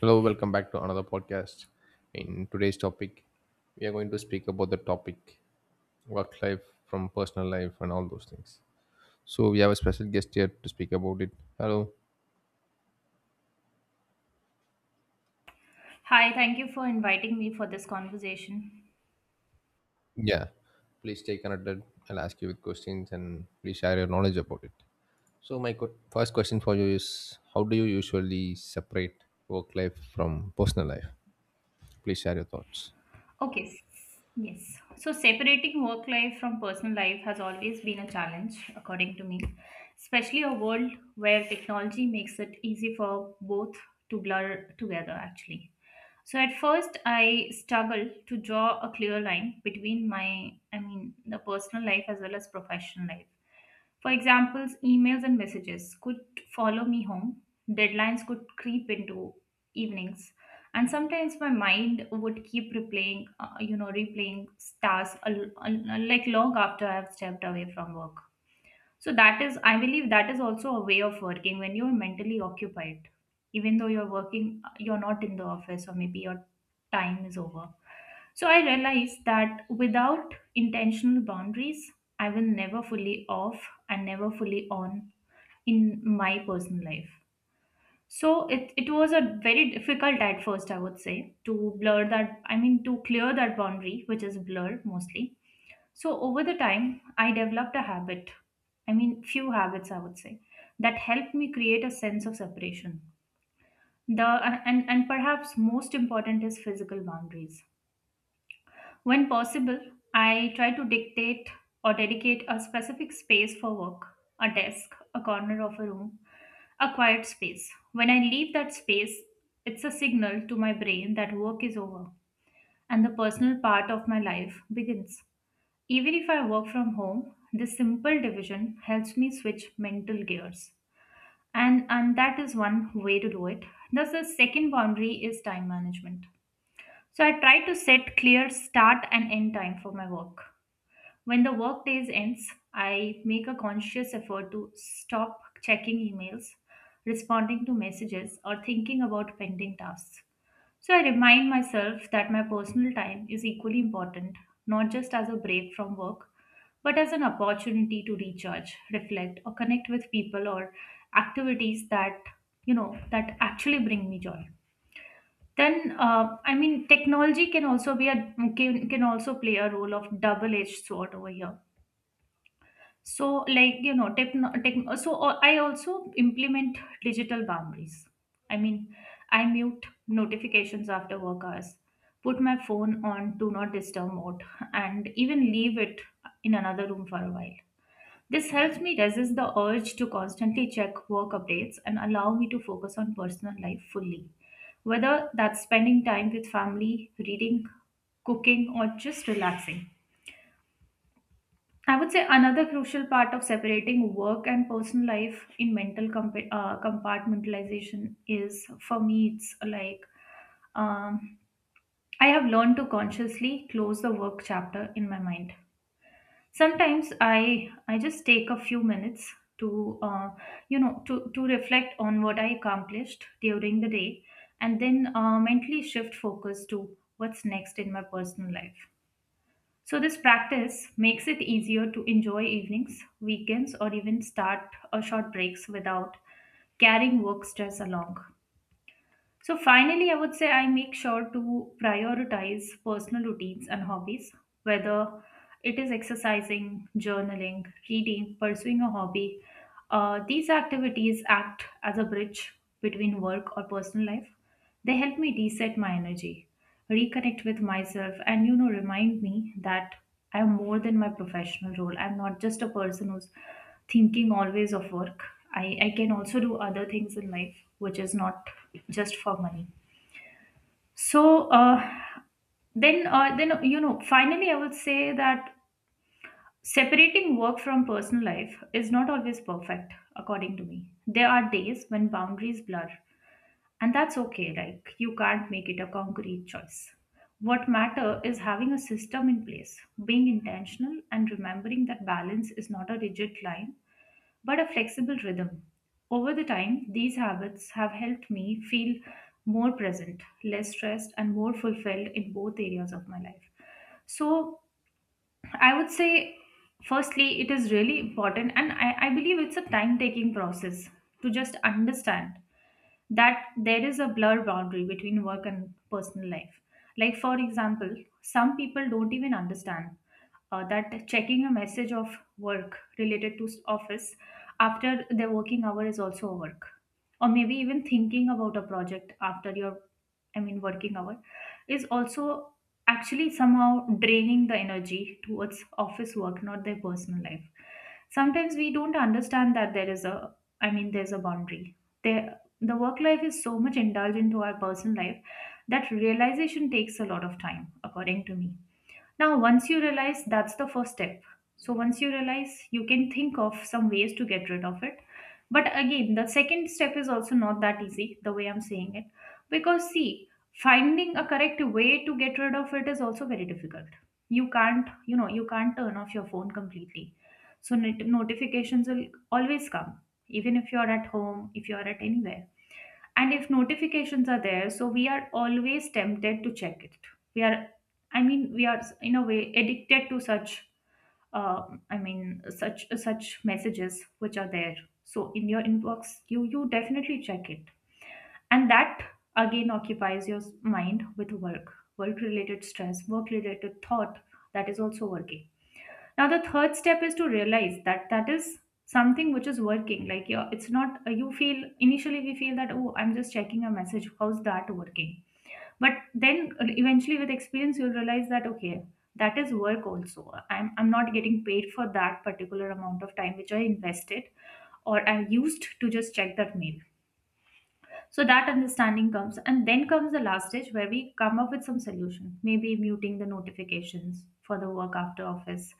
Hello, welcome back to another podcast. In today's topic, we are going to speak about the topic work life from personal life and all those things. So, we have a special guest here to speak about it. Hello. Hi, thank you for inviting me for this conversation. Yeah. Please stay connected. I'll ask you with questions and please share your knowledge about it. So, my first question for you is, how do you usually separate work life from personal life? Please share your thoughts. Okay, yes. So, separating work life from personal life has always been a challenge, according to me, especially a world where technology makes it easy for both to blur together, actually. So, at first, I struggled to draw a clear line between I mean, the personal life as well as professional life. For examples, emails and messages could follow me home, deadlines could creep into evenings, and sometimes my mind would keep replaying tasks, like long after I've stepped away from work. So that is, I believe that is also a way of working when you're mentally occupied, even though you're working, you're not in the office or maybe your time is over. So I realized that without intentional boundaries, I will never fully off and never fully on in my personal life. So it was a very difficult at first, I would say, to blur that, I mean, to clear that boundary, which is blur mostly. So over the time, I developed a habit. I mean, few habits, I would say, that helped me create a sense of separation. The and perhaps most important is physical boundaries. When possible, I try to dictate or dedicate a specific space for work, a desk, a corner of a room, a quiet space. When I leave that space, it's a signal to my brain that work is over and the personal part of my life begins. Even if I work from home, this simple division helps me switch mental gears. And that is one way to do it. Thus, the second boundary is time management. So, I try to set clear start and end time for my work. When the work days ends, I make a conscious effort to stop checking emails, responding to messages, or thinking about pending tasks. So I remind myself that my personal time is equally important, not just as a break from work, but as an opportunity to recharge, reflect, or connect with people or activities that actually bring me joy. Then, I mean, technology can also play a role of double-edged sword over here. So like, tech. So, I also implement digital boundaries. I mean, I mute notifications after work hours, put my phone on do not disturb mode, and even leave it in another room for a while. This helps me resist the urge to constantly check work updates and allow me to focus on personal life fully, whether that's spending time with family, reading, cooking, or just relaxing. I would say another crucial part of separating work and personal life in mental compartmentalization is, for me, it's like, um, I have learned to consciously close the work chapter in my mind. Sometimes I just take a few minutes to you know to reflect on what I accomplished during the day, and then mentally shift focus to what's next in my personal life. So, this practice makes it easier to enjoy evenings, weekends, or even start or short breaks without carrying work stress along. So, finally, I would say I make sure to prioritize personal routines and hobbies, whether it is exercising, journaling, reading, pursuing a hobby. These activities act as a bridge between work or personal life. They help me reset my energy, reconnect with myself, and remind me that I'm more than my professional role. I'm not just a person who's thinking always of work. I can also do other things in life, which is not just for money. So then, finally, I would say that separating work from personal life is not always perfect, according to me. There are days when boundaries blur and that's okay, like you can't make it a concrete choice. What matter is having a system in place, being intentional and remembering that balance is not a rigid line, but a flexible rhythm. Over the time, these habits have helped me feel more present, less stressed and more fulfilled in both areas of my life. So I would say, firstly, it is really important, and I believe it's a time taking process to just understand that there is a blur boundary between work and personal life. Like, for example, some people don't even understand that checking a message of work related to office after their working hour is also a work. Or maybe even thinking about a project after your, I mean, working hour is also actually somehow draining the energy towards office work, not their personal life. Sometimes we don't understand that there is a, I mean, there's a boundary there. The work life is so much indulged into our personal life, that realization takes a lot of time, according to me. Now, once you realize, that's the first step. So, once you realize, you can think of some ways to get rid of it. But again, the second step is also not that easy, the way I'm saying it. Because, see, finding a correct way to get rid of it is also very difficult. You can't turn off your phone completely. So, notifications will always come, even if you're at home, if you're at anywhere. And if notifications are there, so we are always tempted to check it. We are in a way addicted to such, uh, I mean, such messages which are there. So in your inbox you definitely check it. And that again occupies your mind with work related stress, work related thought. That is also working. Now, the third step is to realize that that is something which is working. Like, yeah, it's not, you feel, initially we feel that, oh, I'm just checking a message. How's that working? But then eventually with experience, you'll realize that, okay, that is work also. I'm not getting paid for that particular amount of time which I invested or I used to just check that mail. So that understanding comes, and then comes the last stage where we come up with some solution, maybe muting the notifications for the work after office,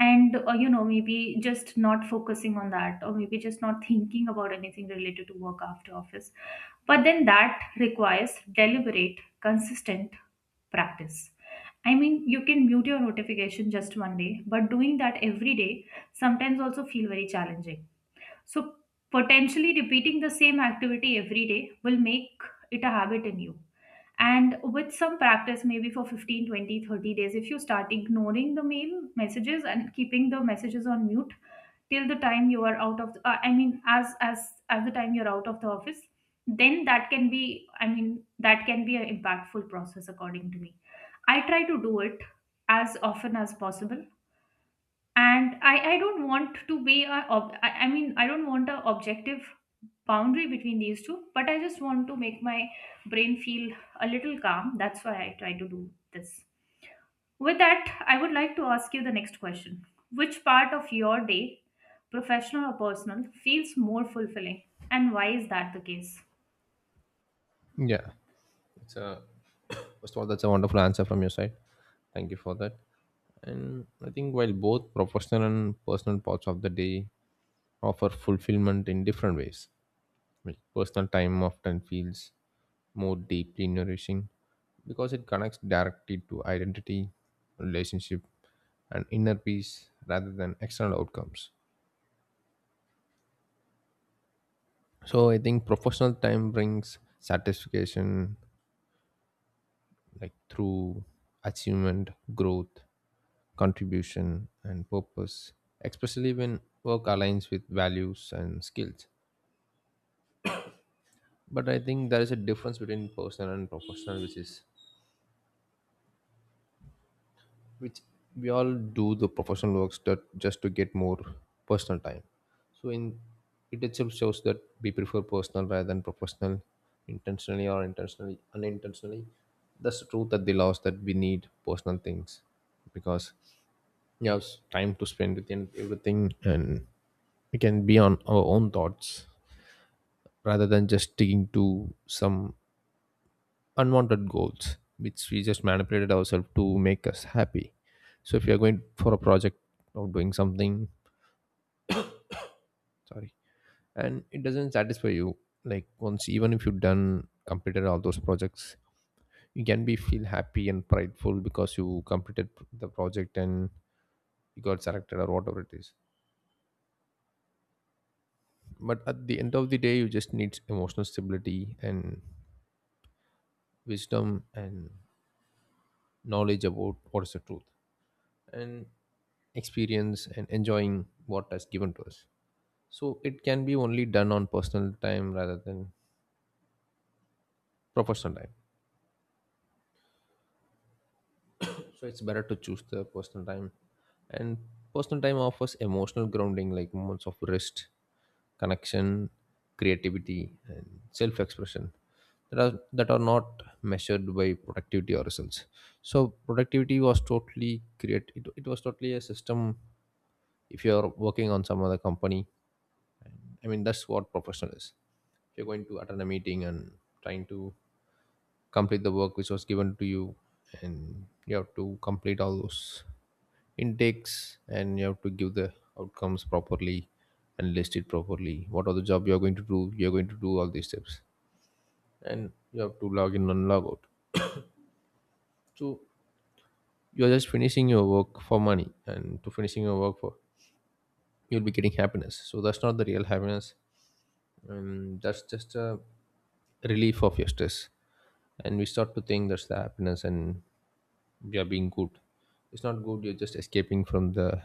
and maybe just not focusing on that, or maybe just not thinking about anything related to work after office. But then that requires deliberate consistent practice. I mean, you can mute your notification just one day, but doing that every day sometimes also feel very challenging. So, potentially repeating the same activity every day will make it a habit in you. And with some practice, maybe for 15, 20, 30 days, if you start ignoring the mail messages and keeping the messages on mute till the time you are out of, I mean, as the time you're out of the office, then that can be, I mean, that can be an impactful process according to me. I try to do it as often as possible, and I don't want to be a ob- I mean I don't want a objective boundary between these two, but I just want to make my brain feel a little calm. That's why I try to do this. With that, I would like to ask you the next question. Which part of your day, professional or personal, feels more fulfilling, and why is that the case? Yeah. It's a First of all, that's a wonderful answer from your side. Thank you for that. And I think while both professional and personal parts of the day offer fulfillment in different ways, like personal time often feels more deeply nourishing because it connects directly to identity, relationship, and inner peace rather than external outcomes. So I think professional time brings satisfaction like through achievement, growth, contribution, and purpose, especially when work aligns with values and skills. But I think there is a difference between personal and professional, which we all do the professional works that just to get more personal time. So in it itself shows that we prefer personal rather than professional, intentionally or intentionally unintentionally. That's the truth, at the loss that we need personal things, because yes, time to spend with and everything, and we can be on our own thoughts rather than just sticking to some unwanted goals which we just manipulated ourselves to make us happy. So if you are going for a project or doing something, sorry, and it doesn't satisfy you, like once even if you've done completed all those projects, you can be feel happy and prideful because you completed the project and you got selected or whatever it is, but at the end of the day you just need emotional stability and wisdom and knowledge about what is the truth and experience and enjoying what has given to us. So it can be only done on personal time rather than professional time, so it's better to choose the personal time. And personal time offers emotional grounding like moments of rest, connection, creativity, and self-expression that are not measured by productivity or results. So productivity was totally it was totally a system if you're working on some other company. I mean that's what professional is. If you're going to attend a meeting and trying to complete the work which was given to you, and you have to complete all those intakes and you have to give the outcomes properly and list it properly what are the job you are going to do, you are going to do all these steps, and you have to log in and log out. So you are just finishing your work for money and to finishing your work for, you'll be getting happiness, so that's not the real happiness. And that's just a relief of your stress, and we start to think that's the happiness and we are being good. It's not good, you're just escaping from the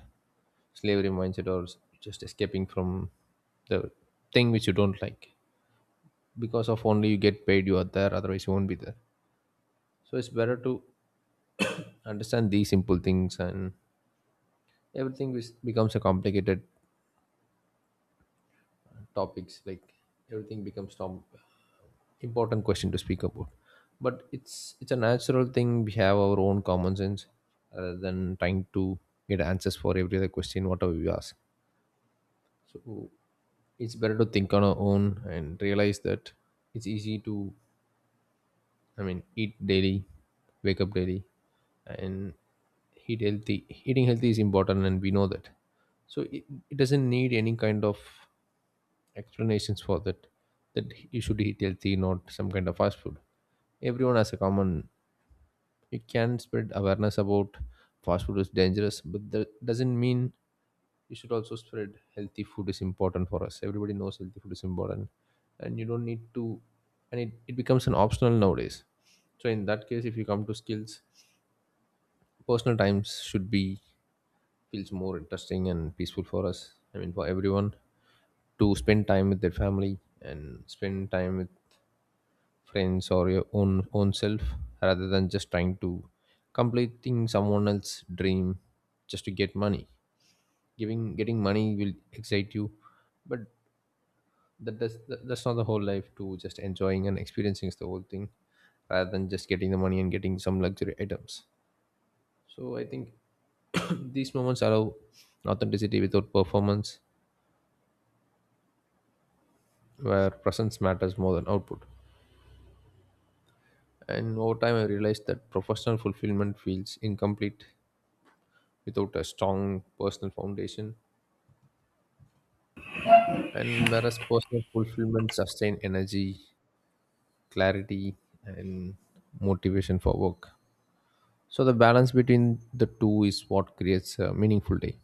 slavery mindset just escaping from the thing which you don't like, because of only you get paid you are there, otherwise you won't be there. So it's better to understand these simple things, and everything which becomes a complicated topics, like everything becomes important question to speak about. But it's a natural thing, we have our own common sense rather than trying to get answers for every other question whatever we ask. So it's better to think on our own and realize that it's easy to, I mean, eat daily, wake up daily, and eat healthy. Eating healthy is important and we know that, so it doesn't need any kind of explanations for that, that you should eat healthy, not some kind of fast food. Everyone has a common. It can spread awareness about fast food is dangerous, but that doesn't mean you should also spread healthy food is important for us. Everybody knows healthy food is important, and you don't need to, and it becomes an optional nowadays. So, in that case, if you come to skills, personal times should be feels more interesting and peaceful for us. I mean, for everyone to spend time with their family and spend time with friends or your own self rather than just trying to completing someone else's dream just to get money. Giving getting money will excite you, but that's not the whole life, to just enjoying and experiencing is the whole thing rather than just getting the money and getting some luxury items. So I think these moments allow authenticity without performance, where presence matters more than output. And over time I realized that professional fulfillment feels incomplete without a strong personal foundation. And whereas personal fulfillment sustain energy, clarity, and motivation for work. So the balance between the two is what creates a meaningful day.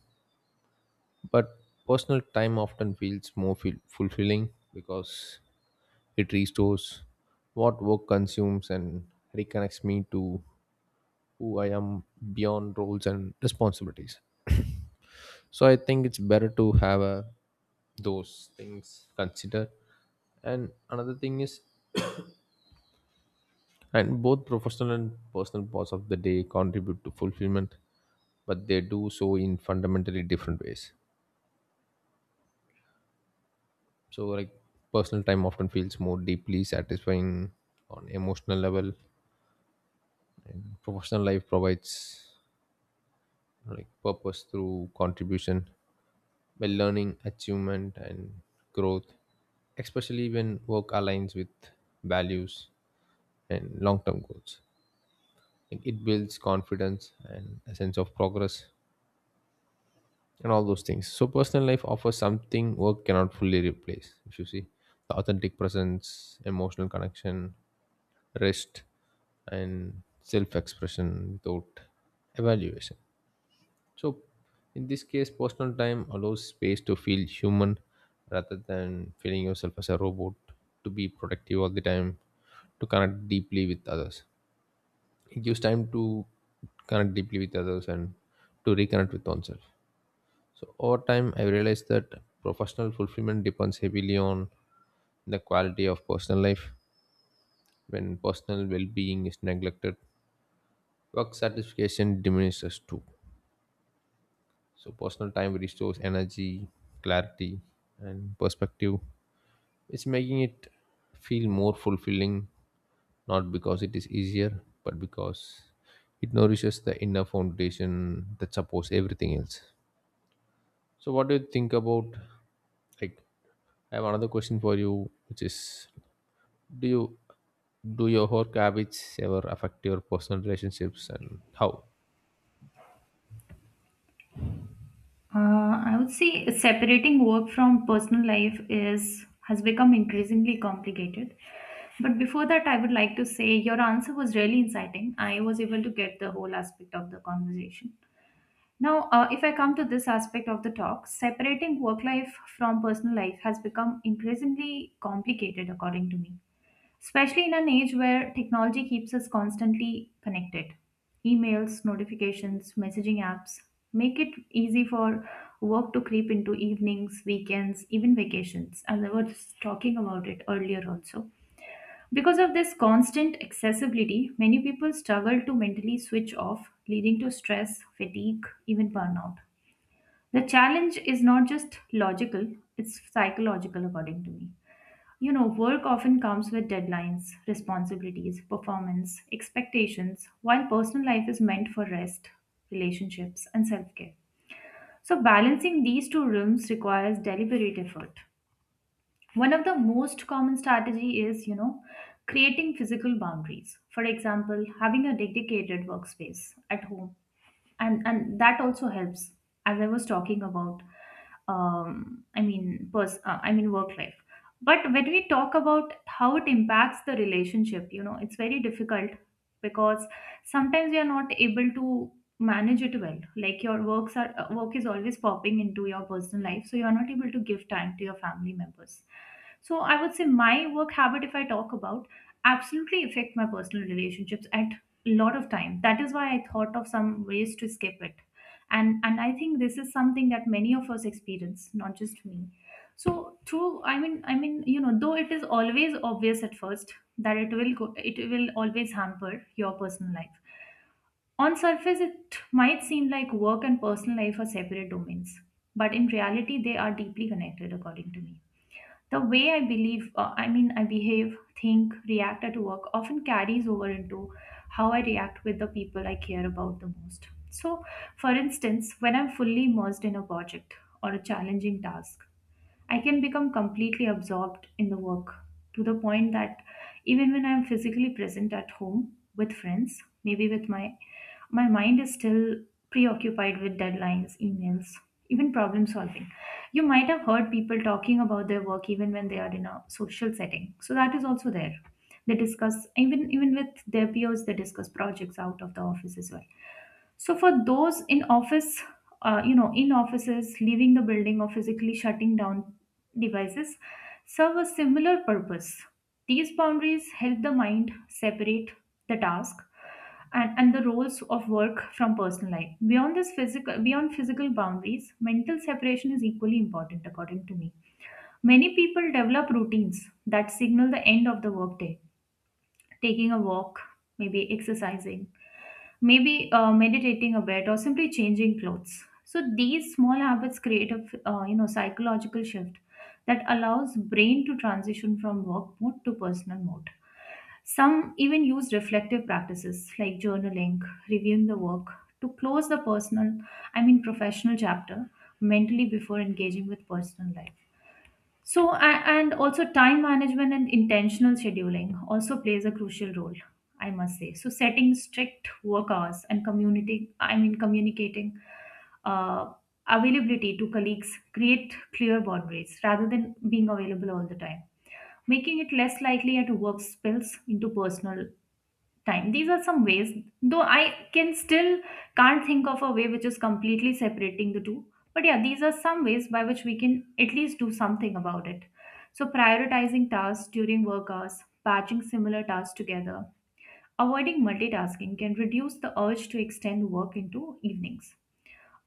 But personal time often feels more fulfilling because it restores what work consumes and reconnects me to who I am beyond roles and responsibilities. So I think it's better to have a those things considered. And another thing is, and both professional and personal parts of the day contribute to fulfillment, but they do so in fundamentally different ways. So like personal time often feels more deeply satisfying on emotional level. Professional life provides like purpose through contribution, by learning, achievement and growth, especially when work aligns with values and long term goals. Like it builds confidence and a sense of progress and all those things. So personal life offers something work cannot fully replace, if you see, the authentic presence, emotional connection, rest, and self expression without evaluation. So in this case, personal time allows space to feel human rather than feeling yourself as a robot, to be productive all the time, to connect deeply with others. It gives time to connect deeply with others and to reconnect with oneself. So over time, I realized that professional fulfillment depends heavily on the quality of personal life. When personal well-being is neglected, work satisfaction diminishes too. So personal time restores energy, clarity, and perspective. It's making it feel more fulfilling, not because it is easier, but because it nourishes the inner foundation that supports everything else. So, what do you think about, like? I have another question for you, which is, do you do your work habits ever affect your personal relationships, and how? I would say separating work from personal life is has become increasingly complicated. But before that, I would like to say your answer was really inciting. I was able to get the whole aspect of the conversation. Now, if I come to this aspect of the talk, separating work life from personal life has become increasingly complicated, according to me, especially in an age where technology keeps us constantly connected. Emails, notifications, messaging apps make it easy for work to creep into evenings, weekends, even vacations, as I was talking about it earlier also. Because of this constant accessibility, many people struggle to mentally switch off, leading to stress, fatigue, even burnout. The challenge is not just logical, it's psychological, according to me. You know, work often comes with deadlines, responsibilities, performance, expectations, while personal life is meant for rest, relationships, and self care. So, balancing these two realms requires deliberate effort. One of the most common strategy is creating physical boundaries. For example, having a dedicated workspace at home and that also helps as I was talking about, I mean work life. But when we talk about how it impacts the relationship, you know, it's very difficult because sometimes we are not able to manage it well. Like your work is always popping into your personal life, so you are not able to give time to your family members. So I would say my work habit, if I talk about, absolutely affect my personal relationships at a lot of time. That is why I thought of some ways to skip it. And I think this is something that many of us experience, not just me. So through I mean, you know, though it is always obvious at first that it will always hamper your personal life. On surface it might seem like work and personal life are separate domains, but in reality they are deeply connected. According to me, the way I behave, think, react at work often carries over into how I react with the people I care about the most. So, for instance, when I'm fully immersed in a project or a challenging task, I can become completely absorbed in the work to the point that even when I'm physically present at home with friends, maybe with my mind is still preoccupied with deadlines, emails, even problem solving. You might have heard people talking about their work even when they are in a social setting. So that is also there. They discuss, even with their peers, they discuss projects out of the office as well. So for those in office, you know, in offices, leaving the building or physically shutting down devices serve a similar purpose. These boundaries help the mind separate the task and the roles of work from personal life. Beyond physical boundaries, mental separation is equally important according to me. Many people develop routines that signal the end of the workday: taking a walk, maybe exercising, maybe meditating a bit, or simply changing clothes. So these small habits create a you know, psychological shift that allows brain to transition from work mode to personal mode. Some even use reflective practices like journaling, reviewing the work, to close the personal I mean professional chapter mentally before engaging with personal life. So, and also time management and intentional scheduling also plays a crucial role, I must say. So, setting strict work hours and communicating uh, availability to colleagues create clear boundaries rather than being available all the time, making it less likely that work spills into personal time. These are some ways, though I can still can't think of a way which is completely separating the two. But yeah, these are some ways by which we can at least do something about it. So, prioritizing tasks during work hours, batching similar tasks together, avoiding multitasking can reduce the urge to extend work into evenings.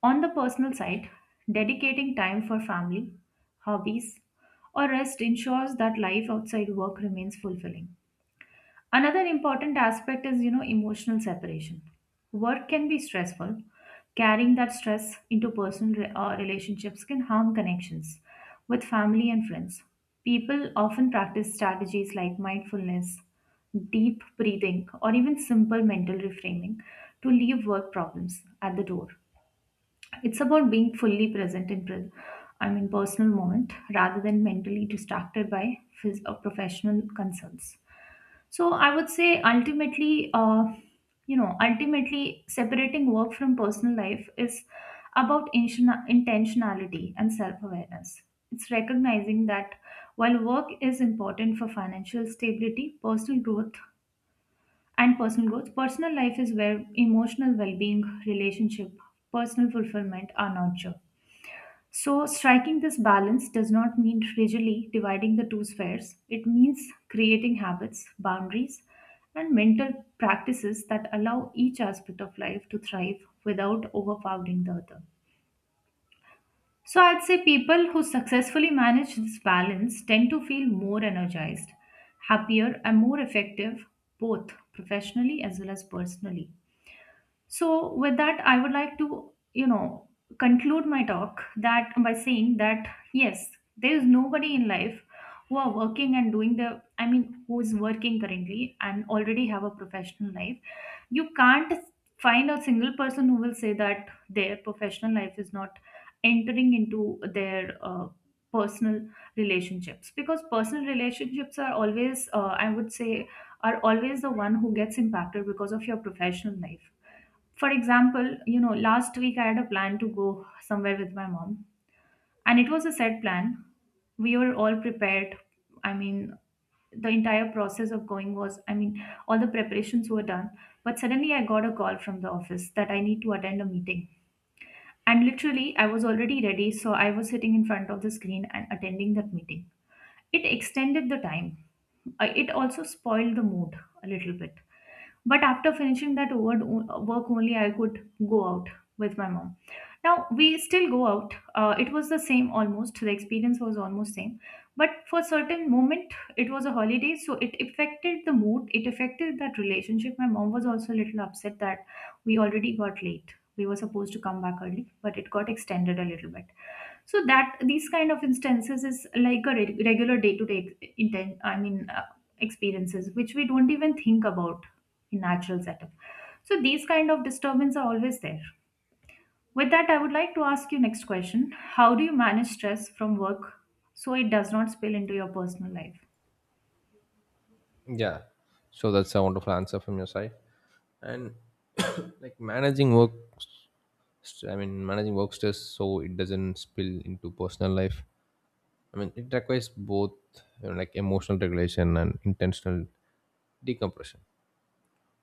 On the personal side, dedicating time for family, hobbies, or rest ensures that life outside work remains fulfilling. Another important aspect is, you know, emotional separation. Work can be stressful. Carrying that stress into relationships can harm connections with family and friends. People often practice strategies like mindfulness, deep breathing, or even simple mental reframing to leave work problems at the door. It's about being fully present in personal moment rather than mentally distracted by professional concerns. So I would say ultimately, you know, ultimately separating work from personal life is about intentionality and self awareness. It's recognizing that while work is important for financial stability, personal growth, personal life is where emotional well being, relationship, personal fulfillment are nurtured. So, striking this balance does not mean rigidly dividing the two spheres. It means creating habits, boundaries, and mental practices that allow each aspect of life to thrive without overpowering the other. So, I'd say people who successfully manage this balance tend to feel more energized, happier, and more effective, both professionally as well as personally. So, with that, I would like to, you know, conclude my talk that by saying that yes, there is nobody in life who are working and doing the, I mean, who is working currently and already have a professional life. You can't find a single person who will say that their professional life is not entering into their personal relationships, because personal relationships are always, I would say, are always the one who gets impacted because of your professional life. For example, you know, last week I had a plan to go somewhere with my mom, and it was a set plan. We were all prepared. I mean, the entire process of going was, I mean, all the preparations were done. But suddenly I got a call from the office that I need to attend a meeting. And literally, I was already ready, so I was sitting in front of the screen and attending that meeting. It extended the time. It also spoiled the mood a little bit, but after finishing that work only, I could go out with my mom. Now we still go out. It was the same almost. The experience was almost same, but for certain moment it was a holiday, so it affected the mood. It affected that relationship. My mom was also a little upset that we already got late. We were supposed to come back early, but it got extended a little bit. So that these kind of instances is like a regular day to day intent I mean experiences which we don't even think about in natural setup. So these kind of disturbance are always there. With that, I would like to ask you next question: how do you manage stress from work so it does not spill into your personal life? Yeah, so that's a wonderful answer from your side. And like managing work, managing work stress so it doesn't spill into personal life. I mean it requires both, you know, like emotional regulation and intentional decompression.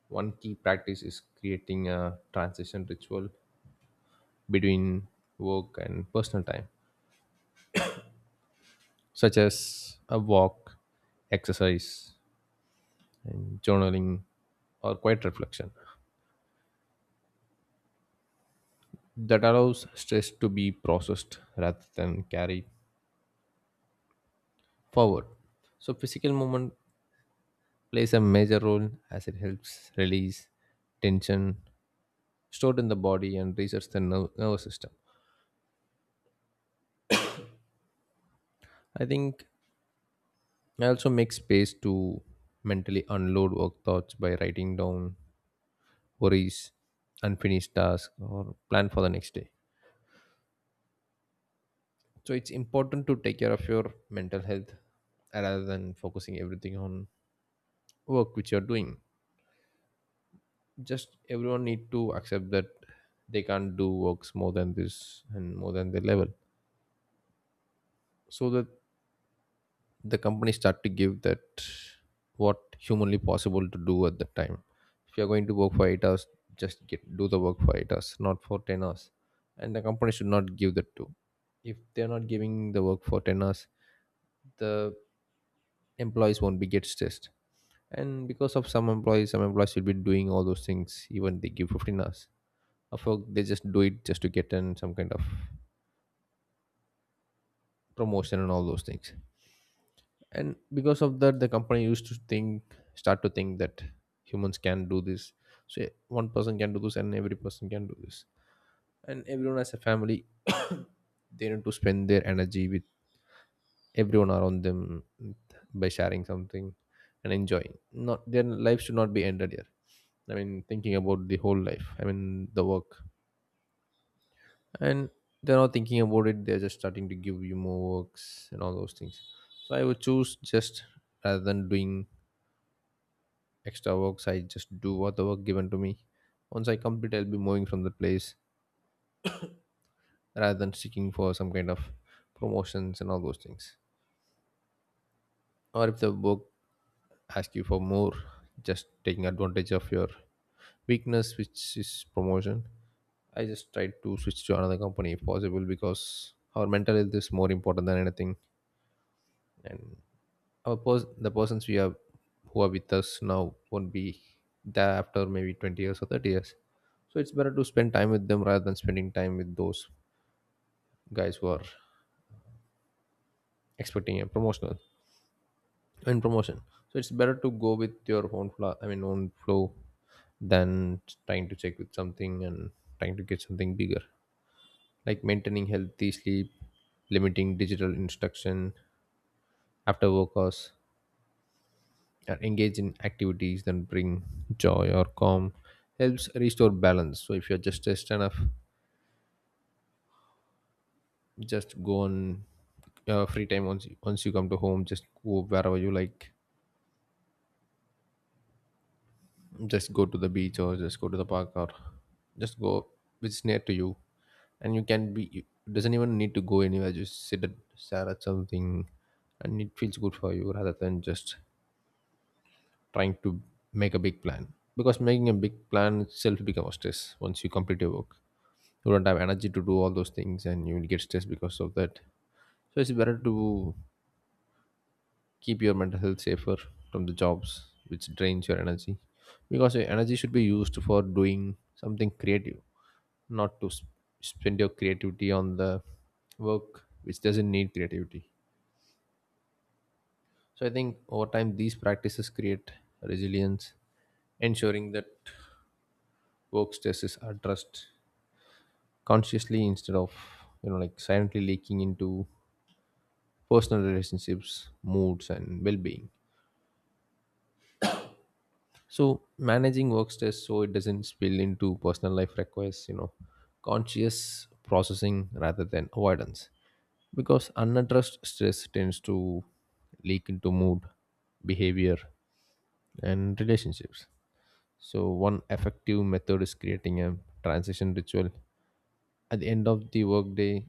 One key practice is creating a transition ritual between work and personal time, such as a walk, exercise, and journaling or quiet reflection that allows stress to be processed rather than carried forward. So, physical movement plays a major role as it helps release tension stored in the body and resets the nervous system. I think I also make space to mentally unload work thoughts by writing down worries, unfinished tasks, or plan for the next day. So it's important to take care of your mental health rather than focusing everything on work which you're doing. Just everyone need to accept that they can't do works more than this and more than their level. So that the company start to give that what humanly possible to do at that time. If you're going to work for 8 hours, just get do the work for 8 hours, not for 10 hours. And the company should not give that to, if they're not giving the work for 10 hours, the employees won't be get stressed. And because of some employees, will be doing all those things, even they give 15 hours of work they just do it just to get in some kind of promotion and all those things. And because of that the company used to think start to think that humans can do this. So yeah, one person can do this and every person can do this, and everyone has a family. They need to spend their energy with everyone around them by sharing something and enjoying, not their lives should not be ended here, I mean thinking about the whole life, I mean the work. And they're not thinking about it, they're just starting to give you more works and all those things. So I would choose, just rather than doing extra works, I just do what the work given to me. Once I complete, I'll be moving from the place rather than seeking for some kind of promotions and all those things. Or if the work asks you for more, just taking advantage of your weakness, which is promotion, I just try to switch to another company if possible, because our mental health is more important than anything. And the persons we are who are with us now won't be there after maybe 20 years or 30 years, so it's better to spend time with them rather than spending time with those guys who are expecting a promotional and promotion. So it's better to go with your own flow, I mean own flow, than trying to check with something and trying to get something bigger. Like maintaining healthy sleep, limiting digital instruction after work hours, engage in activities that bring joy or calm helps restore balance. So if you're just stressed enough, just go on free time. Once you come to home, just go wherever you like. Just go to the beach or just go to the park, or just go which is near to you and you can be you. Doesn't even need to go anywhere, just sit at stare at something and it feels good for you, rather than just trying to make a big plan, because making a big plan itself becomes stress. Once you complete your work, you don't have energy to do all those things and you will get stressed because of that. So it's better to keep your mental health safer from the jobs which drains your energy, because your energy should be used for doing something creative, not to spend your creativity on the work which doesn't need creativity. So I think over time these practices create resilience, ensuring that work stresses are addressed consciously instead of, you know, like silently leaking into personal relationships, moods, and well being. So, managing work stress so it doesn't spill into personal life requires, you know, conscious processing rather than avoidance. Because unaddressed stress tends to leak into mood, behavior, and relationships. So, one effective method is creating a transition ritual at the end of the workday,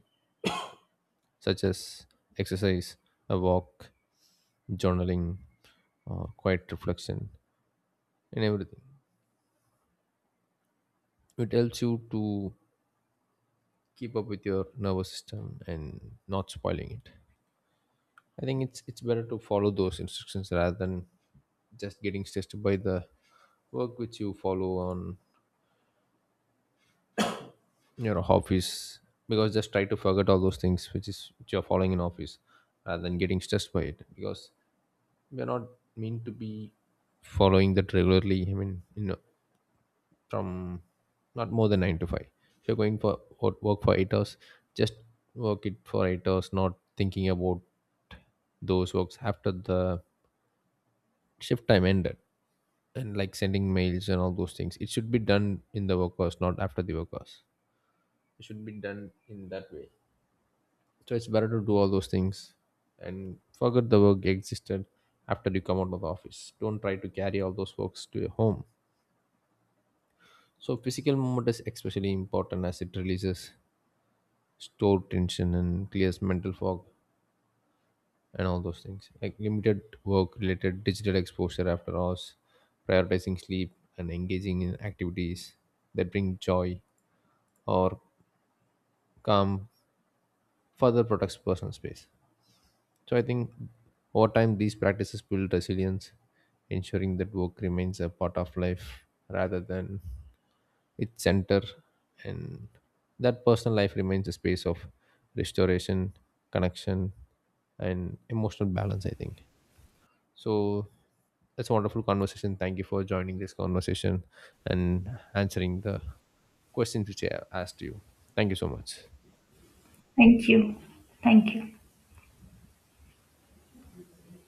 such as exercise, a walk, journaling, quiet reflection, and everything. It helps you to keep up with your nervous system and not spoiling it. I think it's better to follow those instructions rather than just getting stressed by the work which you follow on your office. Because just try to forget all those things which is which you're following in office, rather than getting stressed by it, because we're not meant to be following that regularly, I mean, you know, from not more than nine to five. If you're going for work for 8 hours, just work it for 8 hours, not thinking about those works after the shift time ended and like sending mails and all those things. It should be done in the work hours, not after the work hours. It should be done in that way. So it's better to do all those things and forget the work existed after you come out of the office. Don't try to carry all those works to your home. So physical movement is especially important as it releases store tension and clears mental fog and all those things. Like limited work related digital exposure after hours, prioritizing sleep and engaging in activities that bring joy or calm further protects personal space. So I think over time these practices build resilience, ensuring that work remains a part of life rather than its center, and that personal life remains a space of restoration, connection, and emotional balance. I think so. That's a wonderful conversation. Thank you for joining this conversation and answering the questions which I asked you. Thank you so much. Thank you. Thank you.